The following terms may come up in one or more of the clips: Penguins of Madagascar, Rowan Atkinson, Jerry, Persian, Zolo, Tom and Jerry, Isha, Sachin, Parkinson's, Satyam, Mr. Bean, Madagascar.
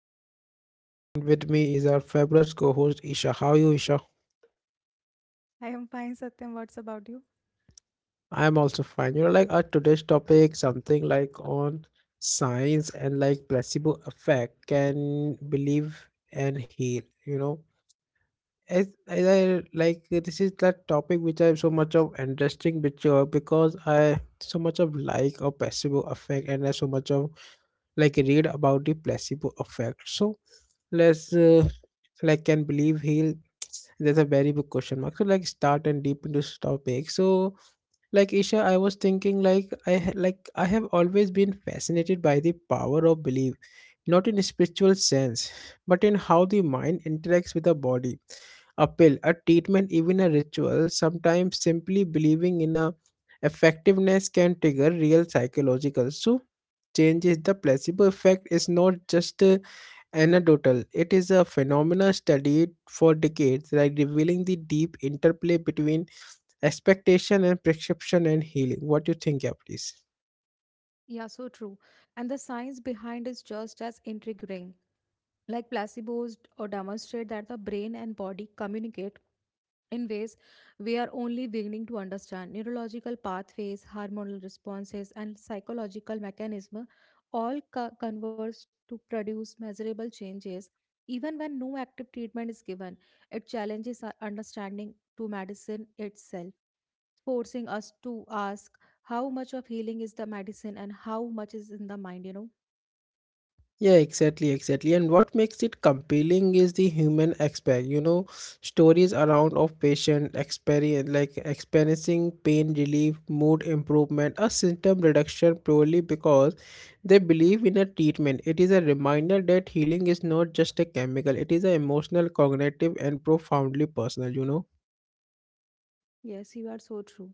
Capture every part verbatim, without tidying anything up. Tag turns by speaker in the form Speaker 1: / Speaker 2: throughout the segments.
Speaker 1: I'm your host Satyam and with me is our fabulous co-host Isha. How are you Isha?
Speaker 2: I am fine, Satyam. What's about you?
Speaker 1: I'm also fine. You know like our today's topic something like on science and like placebo effect can believe and heal, you know. As, as I like this is that topic which I have so much of interesting which uh, because I so much of like or placebo effect and I so much of like read about the placebo effect so let's uh, like can believe heal. There's a very big question mark so like start and deep into this topic so like Isha, I was thinking like i ha- like I have always been fascinated by the power of belief, not in a spiritual sense, but in how the mind interacts with the body. A pill, a treatment, even a ritual, sometimes simply believing in a effectiveness can trigger real psychological so changes. The placebo effect is not just uh, anecdotal. It is a phenomena studied for decades, like revealing the deep interplay between expectation and prescription and healing. What do you think, yeah, please?
Speaker 2: Yeah, so true. And the science behind is just as intriguing. Like placebos d- or demonstrate that the brain and body communicate in ways we are only beginning to understand. Neurological pathways, hormonal responses, and psychological mechanisms all co- converge to produce measurable changes. Even when no active treatment is given, it challenges our understanding to medicine itself. Forcing us to ask how much of healing is the medicine and how much is in the mind, you know?
Speaker 1: Yeah, exactly, exactly. And what makes it compelling is the human aspect. You know, stories around of patient experience, like experiencing pain relief, mood improvement, a symptom reduction purely because they believe in a treatment. It is a reminder that healing is not just a chemical; it is an emotional, cognitive, and profoundly personal. You know.
Speaker 2: Yes, you are so true.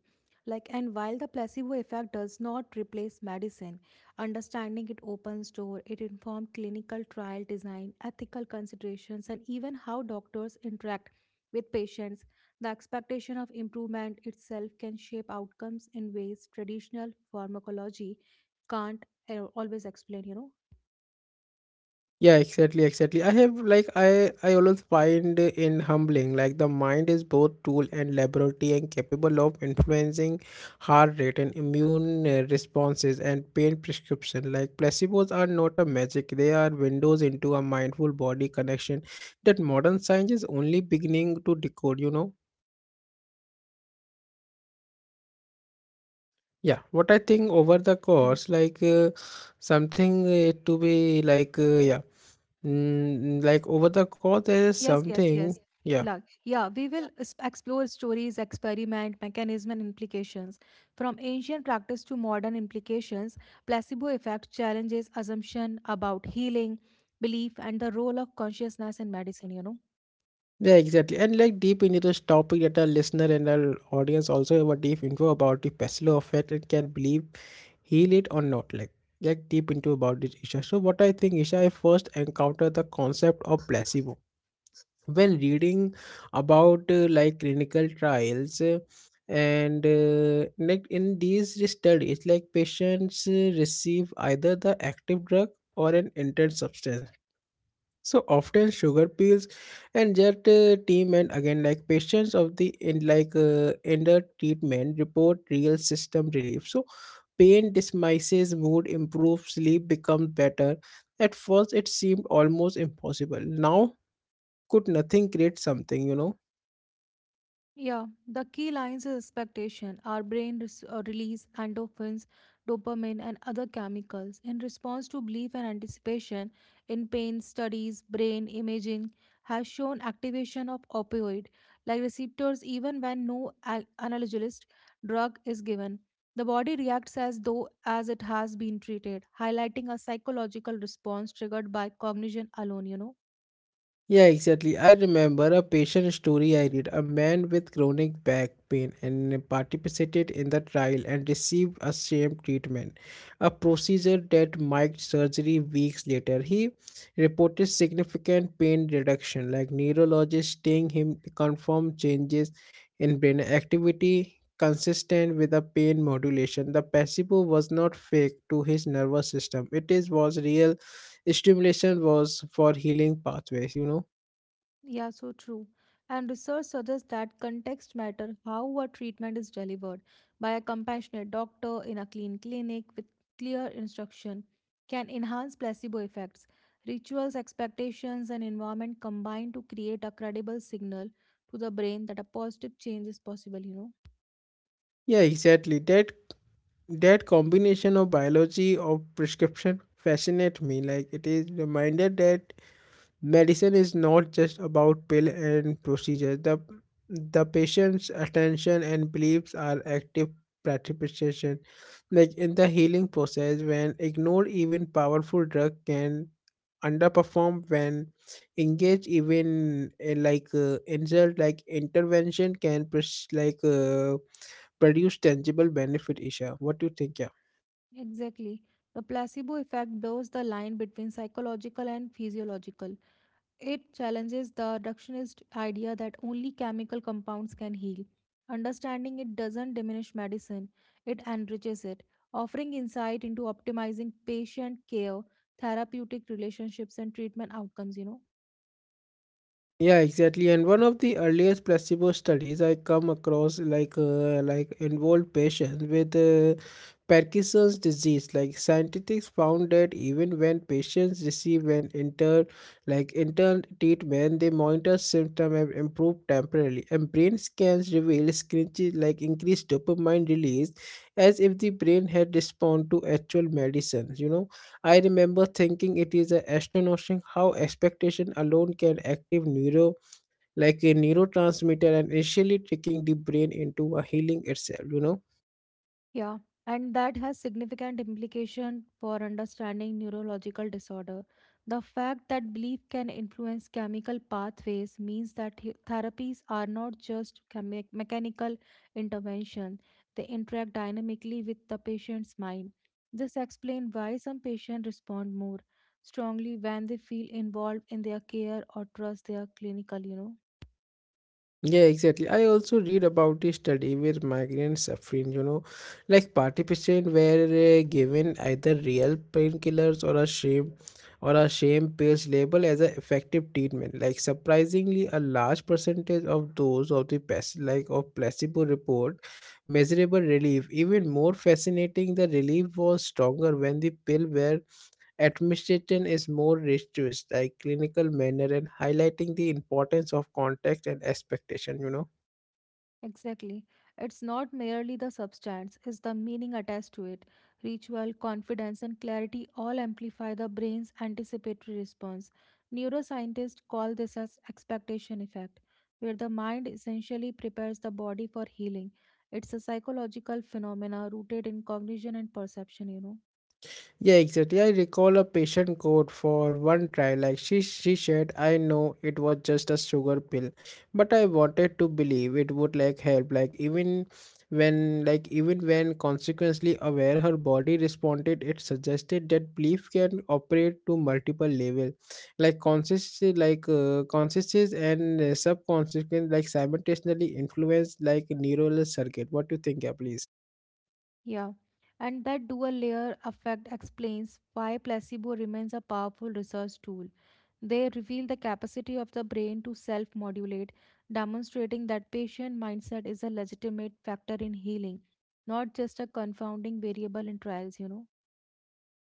Speaker 2: Like, and while the placebo effect does not replace medicine, understanding it opens door, it informs clinical trial design, ethical considerations, and even how doctors interact with patients. The expectation of improvement itself can shape outcomes in ways traditional pharmacology can't uh, always explain, you know?
Speaker 1: Yeah, exactly, exactly. I have like I I always find in humbling like the mind is both tool and laboratory and capable of influencing heart rate and immune uh, responses and pain prescription. Like placebos are not a magic; they are windows into a mindful body connection that modern science is only beginning to decode. You know. Yeah, what I think over the
Speaker 2: Mm.
Speaker 1: course, like uh, something uh, to be like uh, yeah, mm, like over the course there is
Speaker 2: Yes, yes,
Speaker 1: something.
Speaker 2: yes.
Speaker 1: Yeah.
Speaker 2: Like, yeah, we will es- explore stories, experiment, mechanism, and implications. From ancient practice to modern implications, placebo effect challenges assumption about healing, belief, and the role of consciousness in medicine, you know.
Speaker 1: Yeah, exactly. And like deep into this topic that our listener and our audience also have a deep info about the Peslow effect and can believe heal it or not. Like like deep into about this, Isha. So what I think, Isha, I first encountered the concept of placebo when reading about uh, like clinical trials uh, and uh, like in these studies like patients uh, receive either the active drug or an intense substance, so often sugar pills and jet uh, team, and again like patients of the in like uh, under treatment report real system relief. So pain dismisses, mood improves, sleep becomes better. At first it seemed almost impossible. Now could nothing create something, you know?
Speaker 2: Yeah, the key lines is expectation. Our brain res- uh, release endorphins, dopamine, and other chemicals in response to belief and anticipation. In pain studies, brain imaging has shown activation of opioid like receptors even when no a- analgesic drug is given. The body reacts as though as it has been treated, highlighting a psychological response triggered by cognition alone, you know.
Speaker 1: Yeah, exactly. I remember a patient story I read. A man with chronic back pain and participated in the trial and received a same treatment, a procedure that mimicked surgery weeks later. He reported significant pain reduction, like neurologists telling him confirmed changes in brain activity consistent with a pain modulation. The placebo was not fake to his nervous system. It is was real stimulation was for healing pathways, you know.
Speaker 2: Yeah, so true. And research suggests that context matter how a treatment is delivered by a compassionate doctor in a clean clinic with clear instruction can enhance placebo effects. Rituals, expectations, and environment combine to create a credible signal to the brain that a positive change is possible, you know.
Speaker 1: Yeah, exactly. That that combination of biology of prescription fascinate me. Like it is reminder that medicine is not just about pill and procedure. The the patient's attention and beliefs are active participation. Like in the healing process, when ignored, even powerful drug can underperform when engage, even uh, like uh, insult like intervention can pres- like uh, produce tangible benefit, Isha. What do you think? Yeah.
Speaker 2: Exactly. The placebo effect blurs the line between psychological and physiological. It challenges the reductionist idea that only chemical compounds can heal. Understanding it doesn't diminish medicine, it enriches it, offering insight into optimizing patient care, therapeutic relationships, and treatment outcomes, you know.
Speaker 1: Yeah, exactly. And one of the earliest placebo studies I come across, like uh, like involved patients with uh, Parkinson's disease. Like scientists found that even when patients receive an intern like intern treatment, they monitor symptom and improve temporarily. And brain scans reveal screenches like increased dopamine release, as if the brain had responded to actual medicines. You know, I remember thinking it is a astonishing how expectation alone can active neuro like a neurotransmitter and initially tricking the brain into a healing itself, you know.
Speaker 2: Yeah, and that has significant implication for understanding neurological disorder. The fact that belief can influence chemical pathways means that he- therapies are not just chemi- mechanical intervention, they interact dynamically with the patient's mind. This explains why some patients respond more strongly when they feel involved in their care or trust their clinical, you know.
Speaker 1: Yeah, exactly. I also read about the study where migraine suffering, you know, like participants were uh, given either real painkillers or a shame or a shame pills labeled as an effective treatment. Like surprisingly, a large percentage of those of the pes- like of placebo report measurable relief. Even more fascinating, the relief was stronger when the pill were Administration is more rigorous, like clinical manner and highlighting the importance of context and expectation, you know.
Speaker 2: Exactly. It's not merely the substance, it's the meaning attached to it. Ritual, confidence, and clarity all amplify the brain's anticipatory response. Neuroscientists call this as expectation effect, where the mind essentially prepares the body for healing. It's a psychological phenomena rooted in cognition and perception, you know.
Speaker 1: Yeah, exactly. I recall a patient quote for one trial. Like she, she said, I know it was just a sugar pill, but I wanted to believe it would like help. Like even when, like even when consequently aware, her body responded. It suggested that belief can operate to multiple level, like conscious, like uh, conscious and uh, subconscious, like simultaneously influence like neural circuit. What do you think, yeah, please?
Speaker 2: Yeah, and that dual layer effect explains why placebo remains a powerful research tool. They reveal the capacity of the brain to self modulate, demonstrating that patient mindset is a legitimate factor in healing, not just a confounding variable in trials, you know.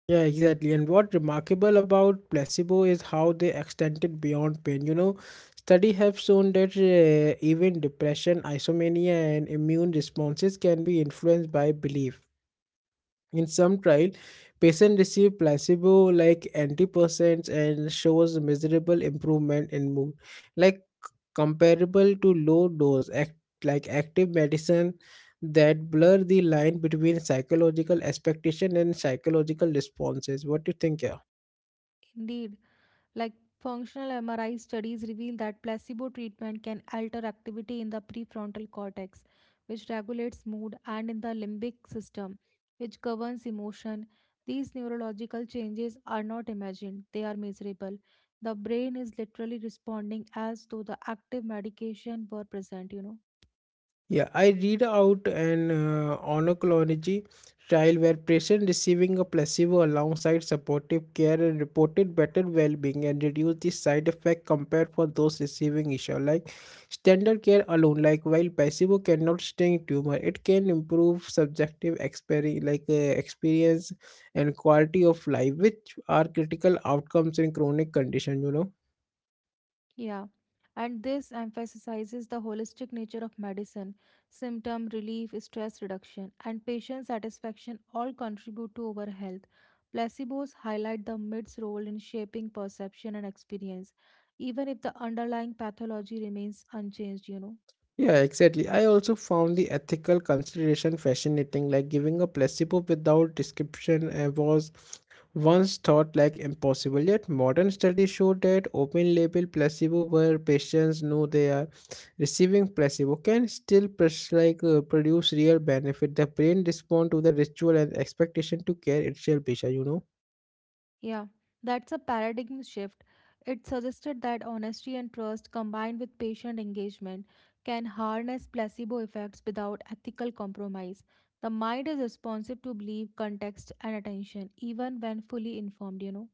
Speaker 1: Yeah, exactly. And what remarkable about placebo is how they extend it beyond pain. You know, studies have shown that uh, even depression, isomania, and immune responses can be influenced by belief. In some trial, patient receive placebo-like antidepressants and shows measurable improvement in mood, like comparable to low-dose act like active medicine that blur the line between psychological expectation and psychological responses. What do you think? Yeah.
Speaker 2: Indeed, like functional M R I studies reveal that placebo treatment can alter activity in the prefrontal cortex, which regulates mood, and in the limbic system, which governs emotion. These neurological changes are not imagined, they are measurable. The brain is literally responding as though the active medication were present, you know.
Speaker 1: Yeah, I read out an uh, oncology trial where patients receiving a placebo alongside supportive care and reported better well-being and reduced the side effect compared for those receiving issue like standard care alone. Like while placebo cannot sting tumor, it can improve subjective experience like uh, experience and quality of life, which are critical outcomes in chronic condition. You know.
Speaker 2: Yeah, and this emphasizes the holistic nature of medicine. Symptom relief, stress reduction, and patient satisfaction all contribute to our health. Placebos highlight the mid's role in shaping perception and experience, even if the underlying pathology remains unchanged, you know.
Speaker 1: Yeah, exactly. I also found the ethical consideration fascinating, like giving a placebo without description uh, was once thought like impossible. Yet modern studies show that open label placebo where patients know they are receiving placebo can still pres- like uh, produce real benefit. The brain respond to the ritual and expectation to care itself, Bisha, you know.
Speaker 2: Yeah, that's a paradigm shift. It suggested that honesty and trust combined with patient engagement can harness placebo effects without ethical compromise. The mind is responsive to belief, context, and attention, even when fully informed, you know?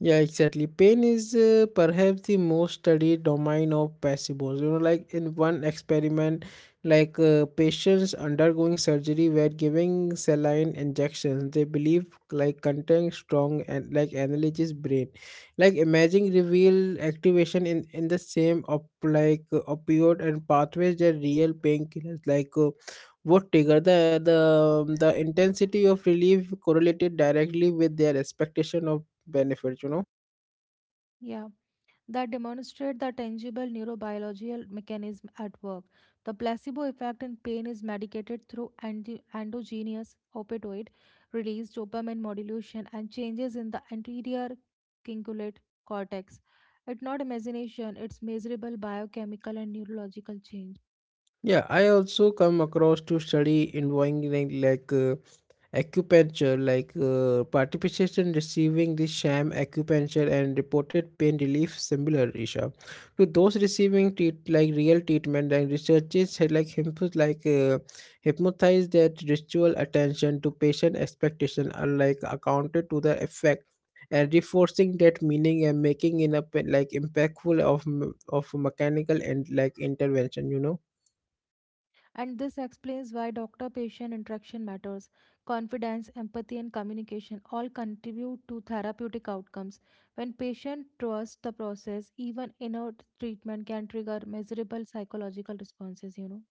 Speaker 1: Yeah, exactly. Pain is uh, perhaps the most studied domain of placebos. You know, like in one experiment, like uh, patients undergoing surgery were giving saline injections. They believe like containing strong and like analgesic brain, like imaging reveal activation in in the same op like uh, opioid and pathways that real painkillers like. Uh, would trigger the, the um, the intensity of relief correlated directly with their expectation of benefits, you know.
Speaker 2: Yeah, that demonstrate the tangible neurobiological mechanism at work. The placebo effect in pain is mediated through endo- endogenous opioid release, dopamine modulation, and changes in the anterior cingulate cortex. It's not imagination, it's measurable biochemical and neurological change.
Speaker 1: Yeah, I also come across to study involving like uh, acupuncture like uh, participation receiving the sham acupuncture and reported pain relief similar, Isha, to those receiving treat like real treatment, and researchers had like hypnotize like uh, hypnotize that ritual attention to patient expectation are like accounted to the effect and reinforcing that meaning and making in a pe- like impactful of m- of mechanical and like intervention, you know.
Speaker 2: And this explains why doctor patient interaction matters. Confidence, empathy, and communication all contribute to therapeutic outcomes. When patient trusts the process, even inert treatment can trigger measurable psychological responses, you know.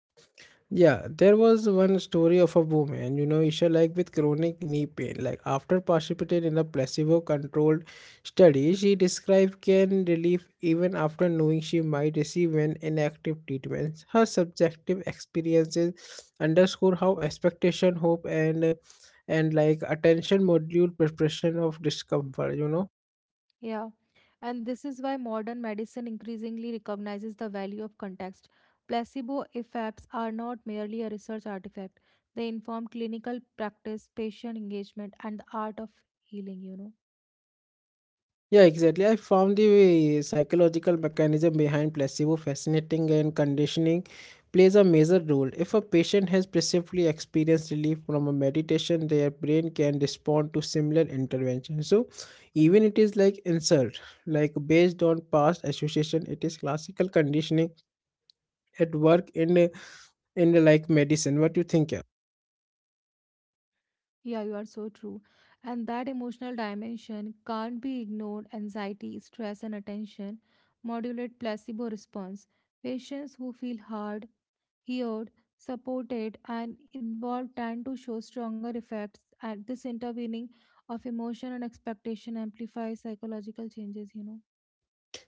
Speaker 1: Yeah, there was one story of a woman, you know, Isha, like with chronic knee pain. Like after participating in a placebo-controlled study, she described pain relief even after knowing she might receive an inactive treatment. Her subjective experiences underscore how expectation, hope, and and like attention module preparation of discomfort. You know,
Speaker 2: Yeah. And this is why modern medicine increasingly recognizes the value of context. Placebo effects are not merely a research artifact, they inform clinical practice, patient engagement, and the art of healing, you know.
Speaker 1: yeah, exactly. I found the psychological mechanism behind placebo fascinating and conditioning plays a major role. If a patient has previously experienced relief from a meditation, their brain can respond to similar intervention. So even it is like insult, like based on past association, it is classical conditioning at work in in like medicine. What you think? Yeah?
Speaker 2: Yeah, you are so true. And that emotional dimension can't be ignored. Anxiety, stress, and attention modulate placebo response. Patients who feel heard, heard, supported, and involved tend to show stronger effects. And this intervening of emotion and expectation amplifies psychological changes, you know.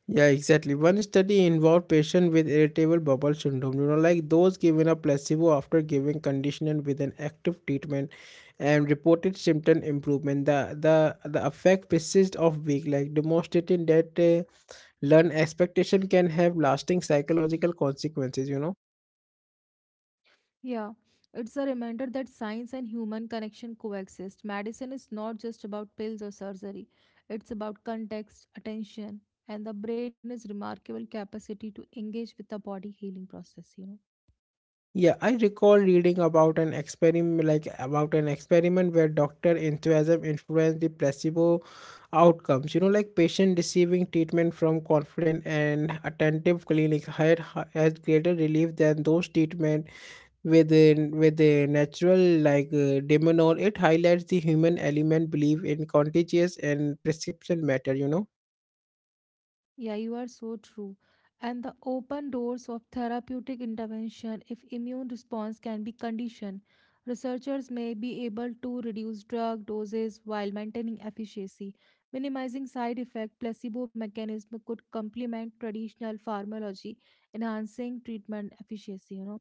Speaker 1: Yeah, exactly. One study involved patients with irritable bowel syndrome, you know, like those given a placebo after giving conditioning with an active treatment and reported symptom improvement. The the, the effect persists of week, like demonstrating that uh, learned expectation can have lasting psychological consequences, you know.
Speaker 2: Yeah, it's a reminder that science and human connection coexist. Medicine is not just about pills or surgery, it's about context, attention, and the brain is remarkable capacity to engage with the body healing process, you know.
Speaker 1: Yeah, I recall reading about an experiment like about an experiment where doctor enthusiasm influenced the placebo outcomes. You know, like patient receiving treatment from confident and attentive clinics had hi- had greater relief than those treatment with a- with a natural like uh, demonol. It highlights the human element belief in contagious and prescription matter. You know.
Speaker 2: Yeah, you are so true. And the open doors of therapeutic intervention if immune response can be conditioned. Researchers may be able to reduce drug doses while maintaining efficacy. Minimizing side effects. Placebo mechanism could complement traditional pharmacology, enhancing treatment efficacy, you know.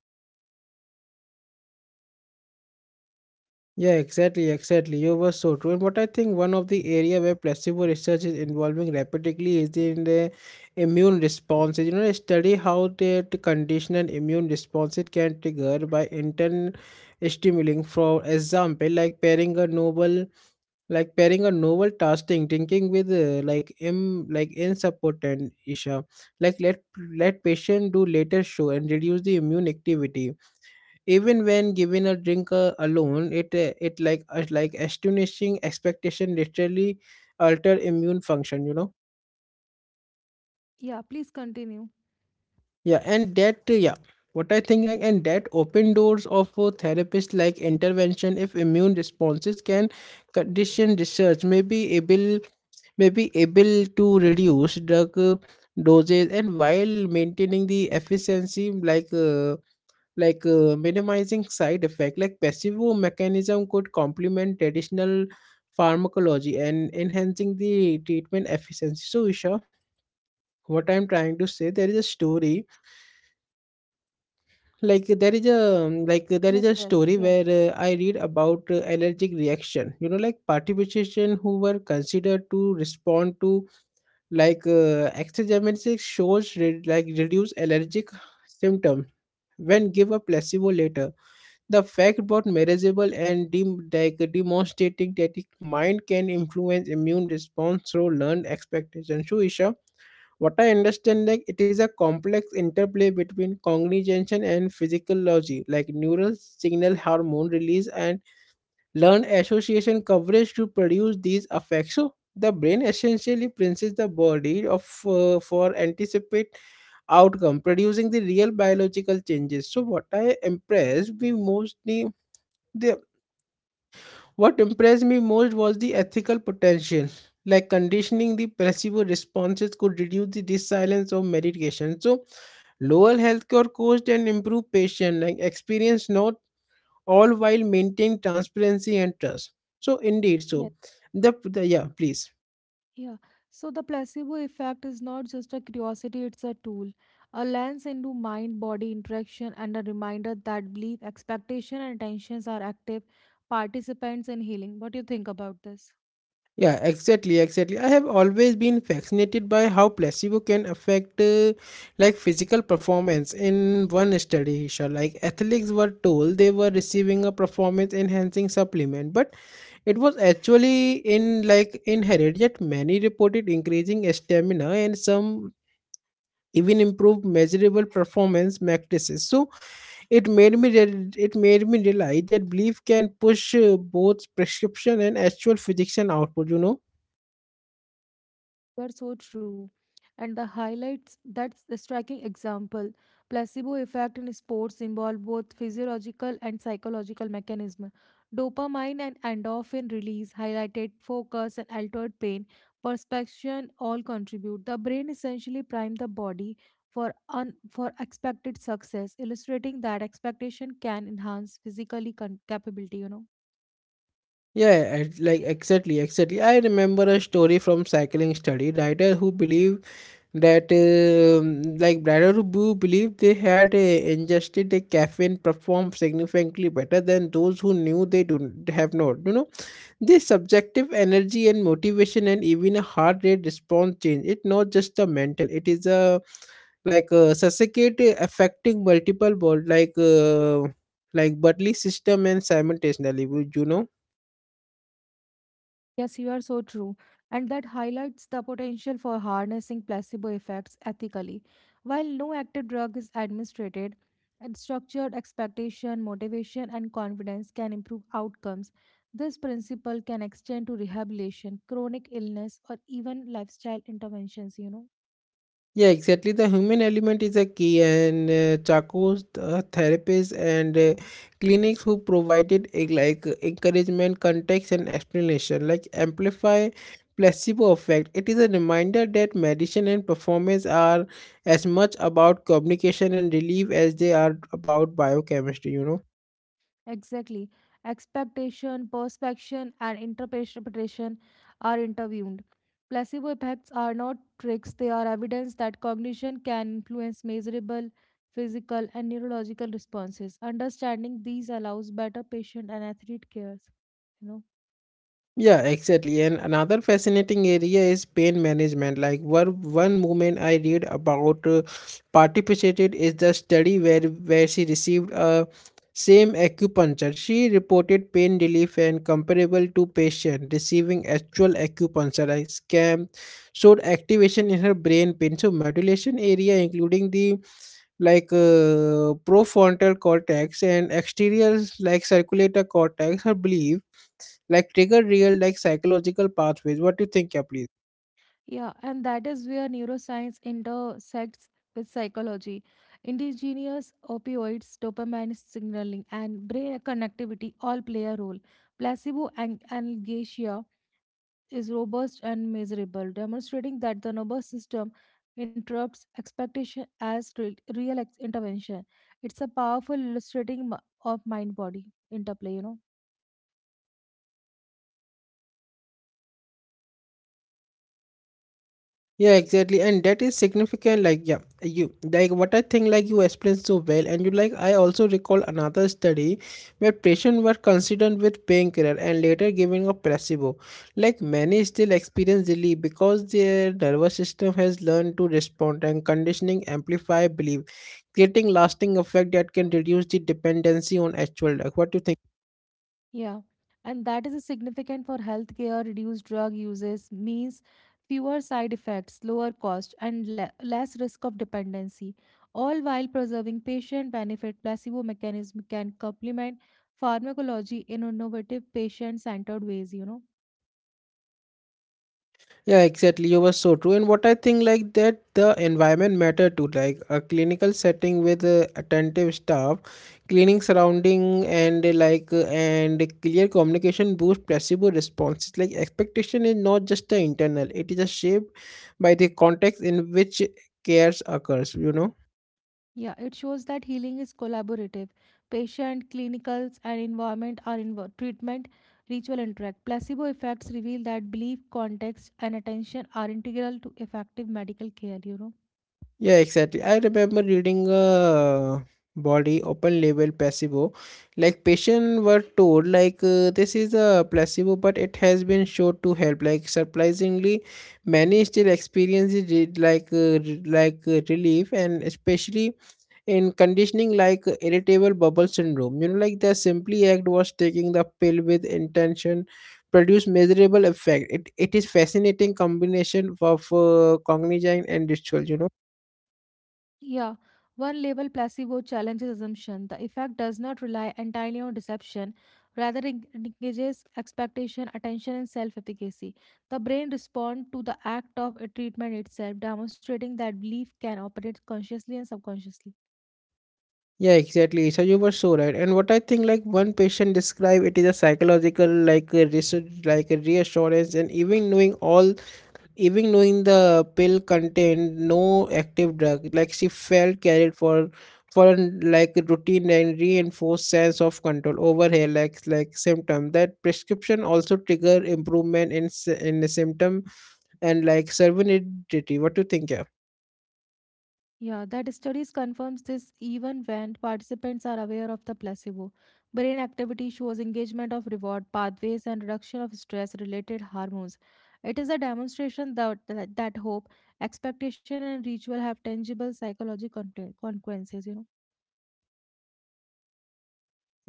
Speaker 1: Yeah, exactly, exactly. You were so true. And what I think one of the area where placebo research is involving rapidly is in the immune responses. You know, study how the the condition and immune responses can trigger by intern stimulating. For example, like pairing a novel, like pairing a novel tasking, drinking with uh, like im like insupportant, Isha. Like let let patient do later show and reduce the immune activity even when given a drink uh, alone, it uh, it, like uh, like astonishing expectation literally alter immune function, you know
Speaker 2: Yeah, please continue.
Speaker 1: yeah. And that uh, yeah, what I think, like, and that open doors of uh, therapist like intervention. If immune responses can condition research, may be able may be able to reduce drug uh, doses and while maintaining the efficiency, like uh, like uh, minimizing side effect, like passive mechanism could complement traditional pharmacology and enhancing the treatment efficiency. So Isha, what I'm trying to say, there is a story, like there is a um, like there is a
Speaker 2: Yes,
Speaker 1: story
Speaker 2: yes,
Speaker 1: where
Speaker 2: yeah.
Speaker 1: uh, I read about uh, allergic reaction, you know like participants who were considered to respond to like uh, exogenous shows re- like reduce allergic symptoms when give a placebo later. The fact about manageable and dem- like demonstrating that the mind can influence immune response through learned expectation. So, Isha, what I understand, like, it is a complex interplay between cognition and physiology, like neural signal hormone release and learned association coverage to produce these effects. So, the brain essentially princes the body of uh, for anticipate outcome, producing the real biological changes. So what i impressed me mostly the, what impressed me most was the ethical potential. Like conditioning the placebo responses could reduce the resilience of medication. So, lower healthcare cost and improve patient like experience, not all, while maintain transparency and trust. So, indeed, so the, the yeah, please.
Speaker 2: Yeah, so the placebo effect is not just a curiosity, it's a tool, a lens into mind body interaction, and a reminder that belief, expectation, and intentions are active participants in healing. What do you think about this?
Speaker 1: Yeah, exactly, exactly. I have always been fascinated by how placebo can affect uh, like physical performance. In one study, Isha, like athletes were told they were receiving a performance enhancing supplement, but it was actually in like inherent. Yet many reported increasing stamina, and some even improved measurable performance metrics. So it made me re- it made me realize that belief can push uh, both prescription and actual physician output. You know.
Speaker 2: You are so true. And the highlights that's a striking example. Placebo effect in sports involve both physiological and psychological mechanism. Dopamine and endorphin release, highlighted focus and altered pain, perception all contribute. The brain essentially prime the body for un- for expected success, illustrating that expectation can enhance physically con- capability, you know.
Speaker 1: Yeah, ex- like exactly, exactly. I remember a story from cycling study. Writer who believed that, um Like writer who believed they had uh, ingested a caffeine performed significantly better than those who knew they don't have not. You know, this subjective energy and motivation and even a heart rate response change. It's not just a mental. It is a like uh, suffocate affecting multiple body like uh, like bodily system and simultaneously. Would you know?
Speaker 2: Yes, you are so true. And that highlights the potential for harnessing placebo effects ethically. While no active drug is administered, and structured expectation, motivation, and confidence can improve outcomes. This principle can extend to rehabilitation, chronic illness, or even lifestyle interventions, you know.
Speaker 1: Yeah, exactly. The human element is a key, and uh, Chaco's uh, therapists and uh, clinics who provided a, like, encouragement, context, and explanation, like amplify placebo effect. It is a reminder that medicine and performance are as much about communication and relief as they are about biochemistry, you know.
Speaker 2: Exactly. Expectation, perspection, and interpretation are intervened. Placebo effects are not tricks, they are evidence that cognition can influence measurable physical and neurological responses. Understanding these allows better patient and athlete cares, you know?
Speaker 1: Yeah, exactly. And another fascinating area is pain management. Like one one woman I read about uh, participated is the study where where she received a same acupuncture. She reported pain relief and comparable to patient receiving actual acupuncture. I scam showed activation in her brain pain. So modulation area including the like uh, profrontal cortex and exterior like circulator cortex. Her believed like trigger real like psychological pathways. What do you think? Yeah, please.
Speaker 2: Yeah, and that is where neuroscience intersects with psychology. Indigenous opioids, dopamine signaling, and brain connectivity all play a role. Placebo an- analgesia is robust and measurable, demonstrating that the nervous system interrupts expectation as re- real ex- intervention. It's a powerful illustrating m- of mind body interplay, you know.
Speaker 1: Yeah, exactly, and that is significant, like, yeah, you like what I think, like, you explained so well. And you like, I also recall another study where patients were considered with painkiller and later given a placebo, like many still experience relief because their nervous system has learned to respond, and conditioning amplify belief, creating lasting effect that can reduce the dependency on actual drug. What do you think?
Speaker 2: Yeah, and that is significant for healthcare. Reduced drug uses means fewer side effects, lower cost, and le- less risk of dependency, all while preserving patient benefit. Placebo mechanism can complement pharmacology in innovative patient-centered ways, you know.
Speaker 1: Yeah, exactly. You were so true. And what I think, like that the environment matter too. Like a clinical setting with uh, attentive staff, cleaning surrounding, and uh, like uh, and clear communication boost placebo responses. Like expectation is not just the internal; it is a shaped by the context in which cares occurs. You know.
Speaker 2: Yeah, it shows that healing is collaborative. Patient, clinicals, and environment are involved. Treatment, ritual interact. Placebo effects reveal that belief, context, and attention are integral to effective medical care, you know.
Speaker 1: Yeah, exactly. I remember reading a body open label placebo. Like patients were told, like, uh, this is a placebo, but it has been shown to help. Like surprisingly, many still experience it re- like uh, re- like uh, relief, and especially in conditioning like uh, irritable bubble syndrome. You know, like the simply act was taking the pill with intention produce measurable effect. It it is fascinating combination of uh, cognition and ritual. You know.
Speaker 2: Yeah, one label placebo challenges assumption. The effect does not rely entirely on deception, rather it engages expectation, attention, and self-efficacy. The brain responds to the act of a treatment itself, demonstrating that belief can operate consciously and subconsciously.
Speaker 1: Yeah, exactly. So you were so right. And what I think, like, one patient described it is a psychological, like a research, like a reassurance. And even knowing all, even knowing the pill contained no active drug, like she felt carried for, for an, like a routine, and reinforced sense of control over her like like symptom. That prescription also trigger improvement in s- in the symptom and like serenity. What do you think? Yeah.
Speaker 2: Yeah, that studies confirms this even when participants are aware of the placebo. Brain activity shows engagement of reward pathways and reduction of stress-related hormones. It is a demonstration that, that, that, hope, expectation, and ritual have tangible psychological conte- consequences, you know.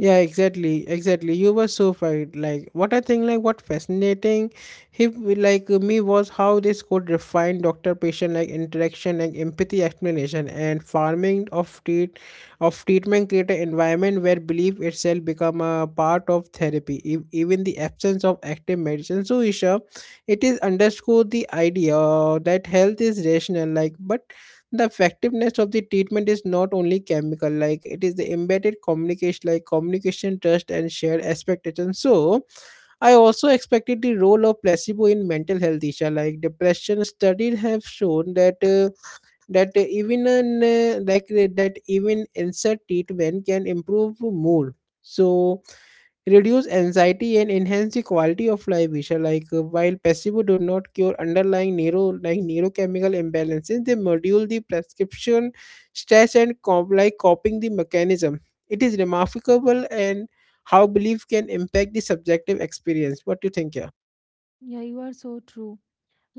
Speaker 1: Yeah, exactly, exactly. You were so right. Like what I think, like what fascinating, he like me was how this could refine doctor-patient like interaction and empathy explanation and farming of treat of treatment create an environment where belief itself become a part of therapy, e- even the absence of active medicine. So, Isha, it is underscore the idea that health is rational, like, but the effectiveness of the treatment is not only chemical, like it is the embedded communication, like communication trust and shared expectation. So I also expected the role of placebo in mental health issues like depression. Studies have shown that uh, that uh, even an, uh, like uh, that even insert treatment can improve mood, so reduce anxiety and enhance the quality of life, Isha. Like uh, while placebo do not cure underlying neuro like neurochemical imbalances, they module the prescription stress and cop- like coping the mechanism. It is remarkable, and how belief can impact the subjective experience. What do you think? Yeah?
Speaker 2: Yeah, you are so true.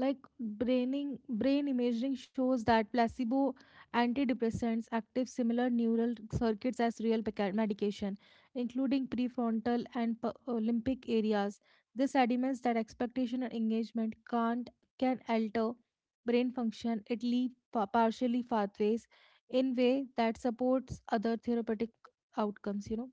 Speaker 2: Like braining, brain imaging shows that placebo antidepressants active similar neural circuits as real peca- medication, including prefrontal and p- uh, limbic areas. This admits that expectation and engagement can't can alter brain function. It leaves partially pathways in way that supports other therapeutic outcomes, you know.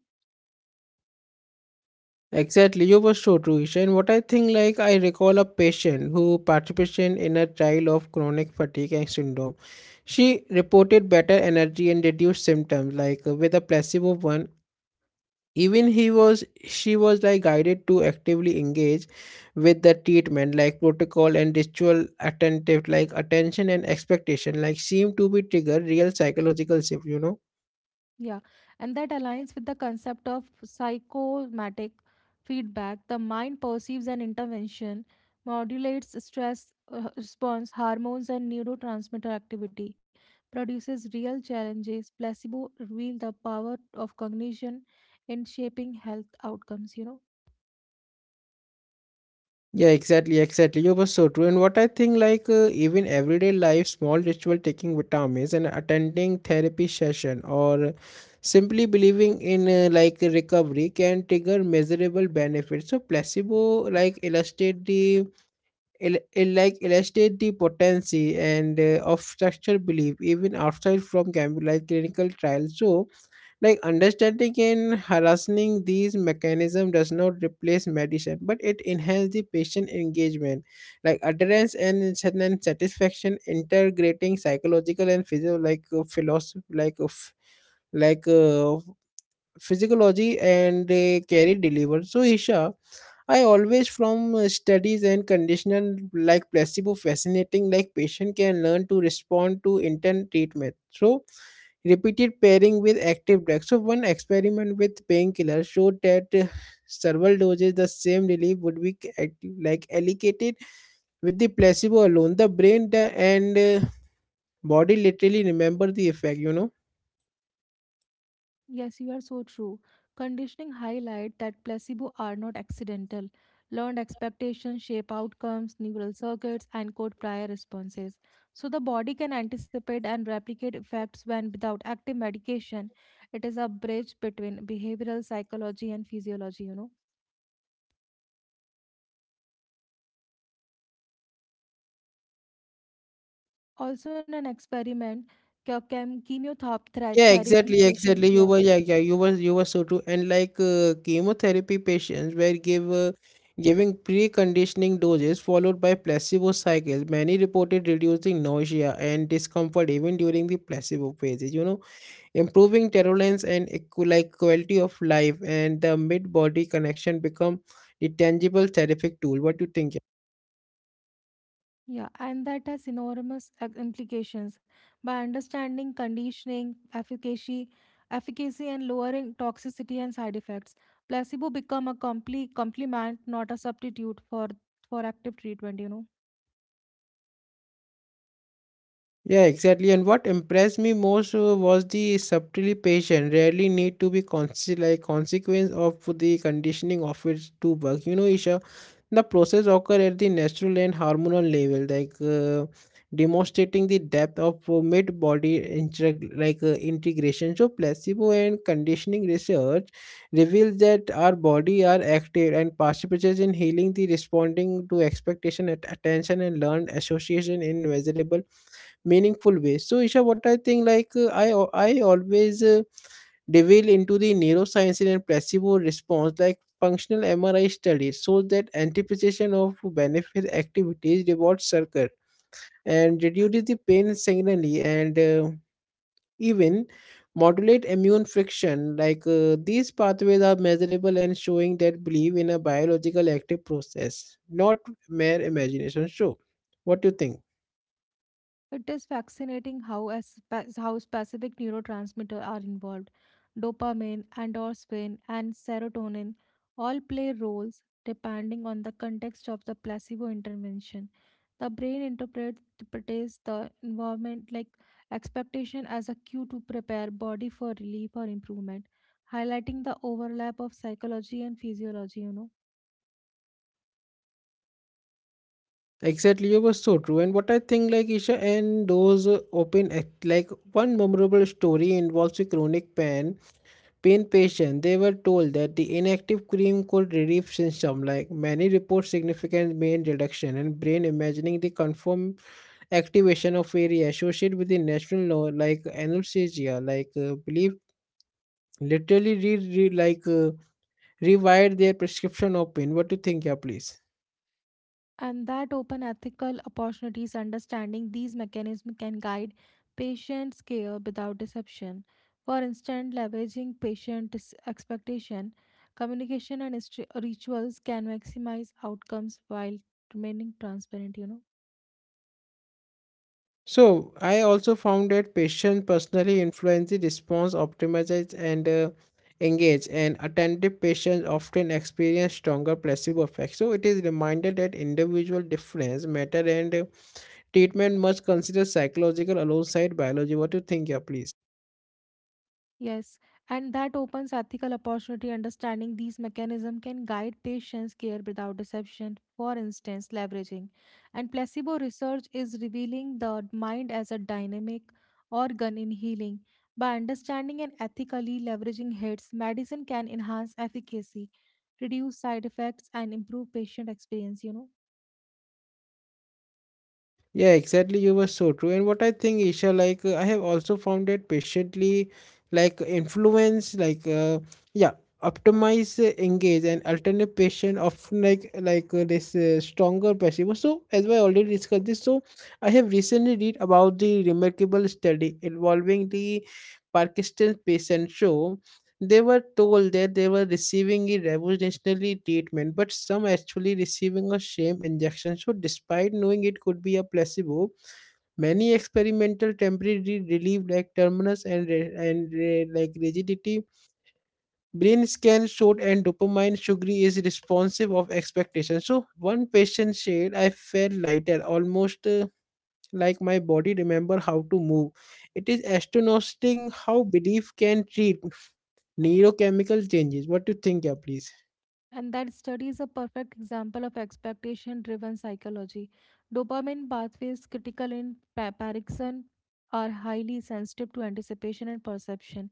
Speaker 1: Exactly, you were so true, Isha. And what I think, like, I recall a patient who participated in a trial of chronic fatigue and syndrome. She reported better energy and reduced symptoms, like uh, with a placebo one. Even he was, she was like guided to actively engage with the treatment, like protocol and ritual attentive, like attention and expectation, like seem to be trigger real psychological shift, you know.
Speaker 2: Yeah, and that aligns with the concept of psychomatic feedback. The mind perceives an intervention, modulates stress uh, response, hormones, and neurotransmitter activity, produces real challenges. Placebo reveal the power of cognition in shaping health outcomes, you know.
Speaker 1: Yeah, exactly, exactly. You were so true. And what I think, like, uh, even everyday life, small ritual taking vitamins and attending therapy session or simply believing in, uh, like, recovery can trigger measurable benefits. So placebo, like, illustrate the, il- il- like, illustrate the potency and uh, of structural belief, even outside from gam- like clinical trials. So like understanding and harassing these mechanisms does not replace medicine, but it enhances the patient engagement, like adherence and certain satisfaction, integrating psychological and physio like uh, philosophy like uh, f- like uh, physiology and uh, carry deliver. So Isha, I always from uh, studies and conditional like placebo fascinating, like patient can learn to respond to intent treatment. So repeated pairing with active drug. So one experiment with painkiller showed that uh, several doses the same relief would be act- like allocated with the placebo alone. The brain the, and uh, body literally remember the effect. You know.
Speaker 2: Yes, you are so true. Conditioning highlight that placebo are not accidental. Learned expectations shape outcomes, neural circuits, and code prior responses. So the body can anticipate and replicate effects when without active medication. It is a bridge between behavioral psychology and physiology, you know. Also in an experiment, chem
Speaker 1: Yeah,
Speaker 2: chemotherapy
Speaker 1: exactly, exactly.
Speaker 2: patients,
Speaker 1: You
Speaker 2: yeah.
Speaker 1: were yeah, yeah. You were you were so true. And like uh, chemotherapy patients were give uh, giving preconditioning doses followed by placebo cycles. Many reported reducing nausea and discomfort even during the placebo phases. You know, improving tolerance and equ- like quality of life, and the mid body connection become the tangible therapeutic tool. What do you think?
Speaker 2: Yeah, and that has enormous ac- implications. By understanding conditioning, efficacy, efficacy and lowering toxicity and side effects, placebo become a complete complement, not a substitute for for active treatment, you know.
Speaker 1: Yeah, exactly. And what impressed me most uh, was the subtly patient, rarely need to be conscious, like consequence of the conditioning of it to work. You know, Isha, the process occur at the natural and hormonal level, like uh, demonstrating the depth of uh, mid-body integ- like uh, integration. So, placebo and conditioning research reveals that our body are active and participates in healing, the responding to expectation, at attention, and learned association in measurable meaningful way. So, Isha, what I think, like uh, I al- I always uh, delve into the neuroscience and placebo response, like functional M R I studies, so that anticipation of benefit activities reward circuit and reduces the pain signally and uh, even modulate immune friction. Like uh, these pathways are measurable and showing that believe in a biological active process, not mere imagination show. What do you think?
Speaker 2: It is fascinating how as how specific neurotransmitter are involved. Dopamine, endorphin, and serotonin all play roles depending on the context of the placebo intervention. The brain interprets interprets the environment like expectation as a cue to prepare body for relief or improvement, highlighting the overlap of psychology and physiology, you know.
Speaker 1: Exactly, you were so true. And what I think, like, Isha, and those uh, open, act- like one memorable story involves a chronic pain pain patient. They were told that the inactive cream could relieve symptoms. Like many report significant pain reduction, and brain imagining the confirmed activation of area associated with the national law, like anesthesia. Like uh, believe literally re, re like uh, rewired their prescription of pain. What do you think? Yeah, please.
Speaker 2: And that open ethical opportunities understanding these mechanisms can guide patients' care without deception. For instance, leveraging patient dis- expectation, communication and hist- rituals can maximize outcomes while remaining transparent, you know.
Speaker 1: So I also found that patients personally influence the response, optimizes and uh, engage, and attentive patients often experience stronger placebo effect. So it is reminded that individual difference matter, and uh, treatment must consider psychological alongside biology. What do you think? Yeah, please.
Speaker 2: Yes, and that opens ethical opportunity. Understanding these mechanisms can guide patients' care without deception. For instance, leveraging and placebo research is revealing the mind as a dynamic organ in healing. By understanding and ethically leveraging hits, medicine can enhance efficacy, reduce side effects, and improve patient experience, you know.
Speaker 1: Yeah, exactly. You were so true. And what I think, Isha, like uh, I have also found that patiently, like influence, like uh, yeah, optimize, uh, engage, and alternate patient often like like uh, this uh, stronger placebo. So as I already discussed this, so I have recently read about the remarkable study involving the Parkinson's patient show they were told that they were receiving a revolutionary treatment, but some actually receiving a shame injection. So, despite knowing it could be a placebo, many experimental temporary relief like terminus and re- and re- like rigidity, brain scan showed and dopamine sugary is responsive of expectation. So, one patient said, "I felt lighter, almost." Uh, like my body remember how to move. It is astonishing how belief can treat neurochemical changes. What do you think? Yeah, please.
Speaker 2: And that study is a perfect example of expectation driven psychology. Dopamine pathways critical in pa- Parkinson are highly sensitive to anticipation and perception.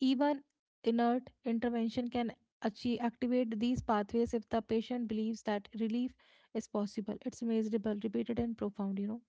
Speaker 2: Even inert intervention can achieve, activate these pathways if the patient believes that relief is possible. It's measurable, repeated, and profound, you know.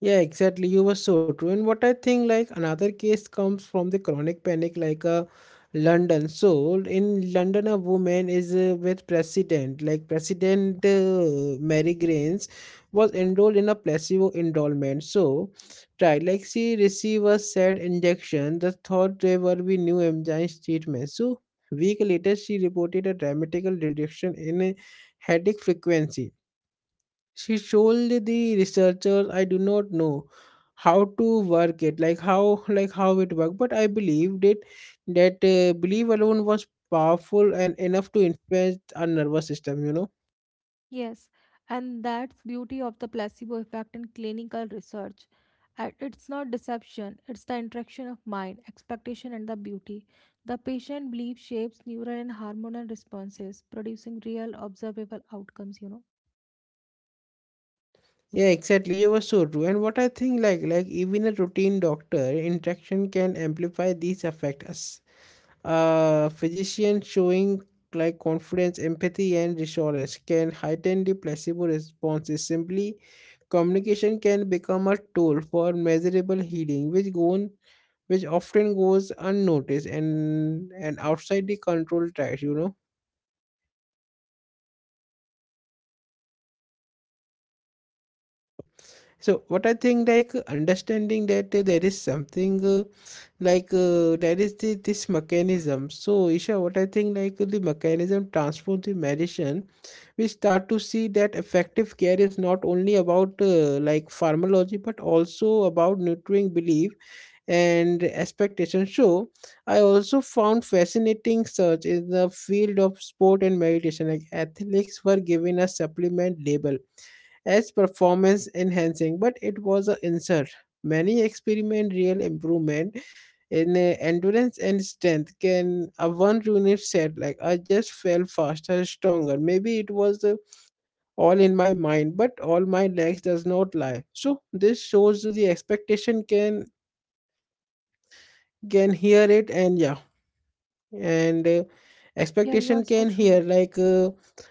Speaker 1: Yeah, exactly. You were so true. And what I think, like another case comes from the chronic panic, like uh, London. So in London, a woman is uh, with President, like President uh, Mary Grains, was enrolled in a placebo enrollment. So, right, like she received a said injection. The thought they were we new enzyme treatment. So week later, she reported a dramatical reduction in uh, headache frequency. She told the researchers, I do not know how to work it, like how, like how it worked, but I believed it, that uh, belief alone was powerful and enough to influence our nervous system, you know.
Speaker 2: Yes, and that's beauty of the placebo effect in clinical research. Uh, It's not deception, it's the interaction of mind, expectation, and the beauty. The patient belief shapes neural and hormonal responses, producing real observable outcomes, you know.
Speaker 1: Yeah, exactly. You were so true. And what I think, like like even a routine doctor interaction can amplify these effects. A physician showing like confidence, empathy, and reassurance can heighten the placebo responses. Simply, communication can become a tool for measurable healing, which gone, which often goes unnoticed and and outside the control trials. You know. So what I think, like understanding that uh, there is something uh, like uh, there is the, this mechanism. So Isha, what I think, like the mechanism transforms the medicine. We start to see that effective care is not only about uh, like pharmacology but also about nurturing belief and expectation. So I also found fascinating search in the field of sport and meditation. Like athletes were given a supplement label as performance enhancing but it was an insert. Many experiment real improvement in uh, endurance and strength. Can a one unit said, like I just felt faster, stronger, maybe it was uh, all in my mind, but all my legs does not lie. So this shows the expectation can can hear it. And yeah, and uh,
Speaker 2: Yeah, you are
Speaker 1: expectation
Speaker 2: so
Speaker 1: can
Speaker 2: true.
Speaker 1: hear, like uh,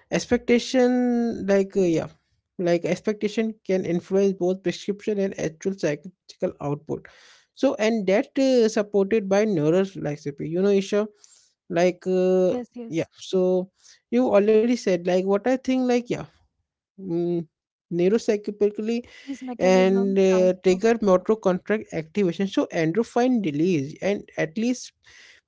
Speaker 1: expectation, like uh, yeah, like expectation can influence both prescription and actual psychological output. So and that uh, supported by neuroflexipy, you know, Isha, like uh,
Speaker 2: Yes, yes.
Speaker 1: yeah. So you already said, like what I think, like yeah. mm, neuropsychologically
Speaker 2: These mechanisms
Speaker 1: and uh,
Speaker 2: transform.
Speaker 1: trigger motor contract activation, so endorphin release and at least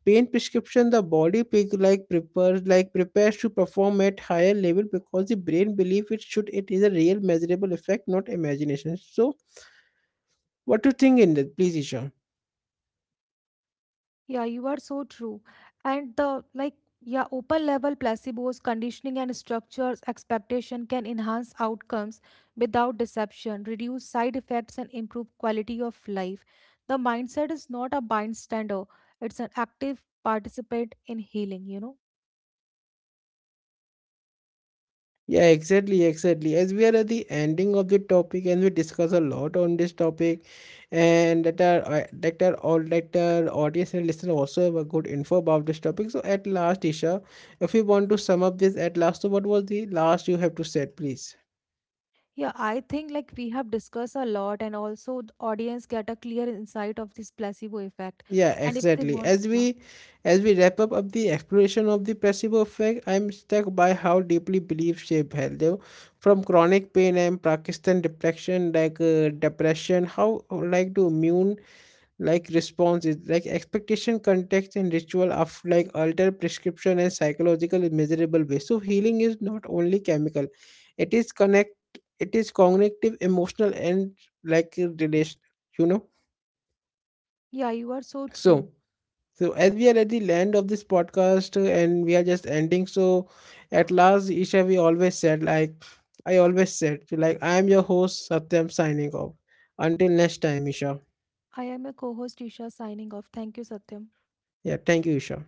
Speaker 1: pain prescription. The body pig, like prepares like prepares to perform at higher level, because the brain believe it should. It is a real measurable effect, not imagination. So what do you think in that, please, Isha?
Speaker 2: Yeah, you are so true. And the like, yeah, open level placebos, conditioning, and structures expectation can enhance outcomes without deception, reduce side effects, and improve quality of life. The mindset is not a bystander, it's an active participant in healing, you know.
Speaker 1: Yeah, exactly, exactly. As we are at the ending of the topic, and we discuss a lot on this topic, and that our uh, that our all that our audience and listener also have a good info about this topic. So at last, Isha, if you want to sum up this at last, so what was the last you have to said, please?
Speaker 2: Yeah, I think like we have discussed a lot, and also the audience get a clear insight of this placebo effect.
Speaker 1: Yeah,
Speaker 2: And if they
Speaker 1: exactly.
Speaker 2: want,
Speaker 1: As
Speaker 2: yeah,
Speaker 1: we as we wrap up, up the exploration of the placebo effect, I'm struck by how deeply beliefs shape health. Though. From chronic pain and Pakistan depression, like uh, depression, how like to immune like response, is like expectation context and ritual of like alter prescription and psychological in measurable way. So healing is not only chemical, it is connect, it is cognitive, emotional, and like relation, you know.
Speaker 2: yeah, you are so
Speaker 1: so
Speaker 2: true.
Speaker 1: so as we are at the end of this podcast, uh, and we are just ending. So at last, Isha, we always said, like I always said, like I am your host, Satyam, signing off. Until next time, Isha.
Speaker 2: I am a co-host Isha signing off. Thank you, Satyam.
Speaker 1: Yeah, thank you, Isha.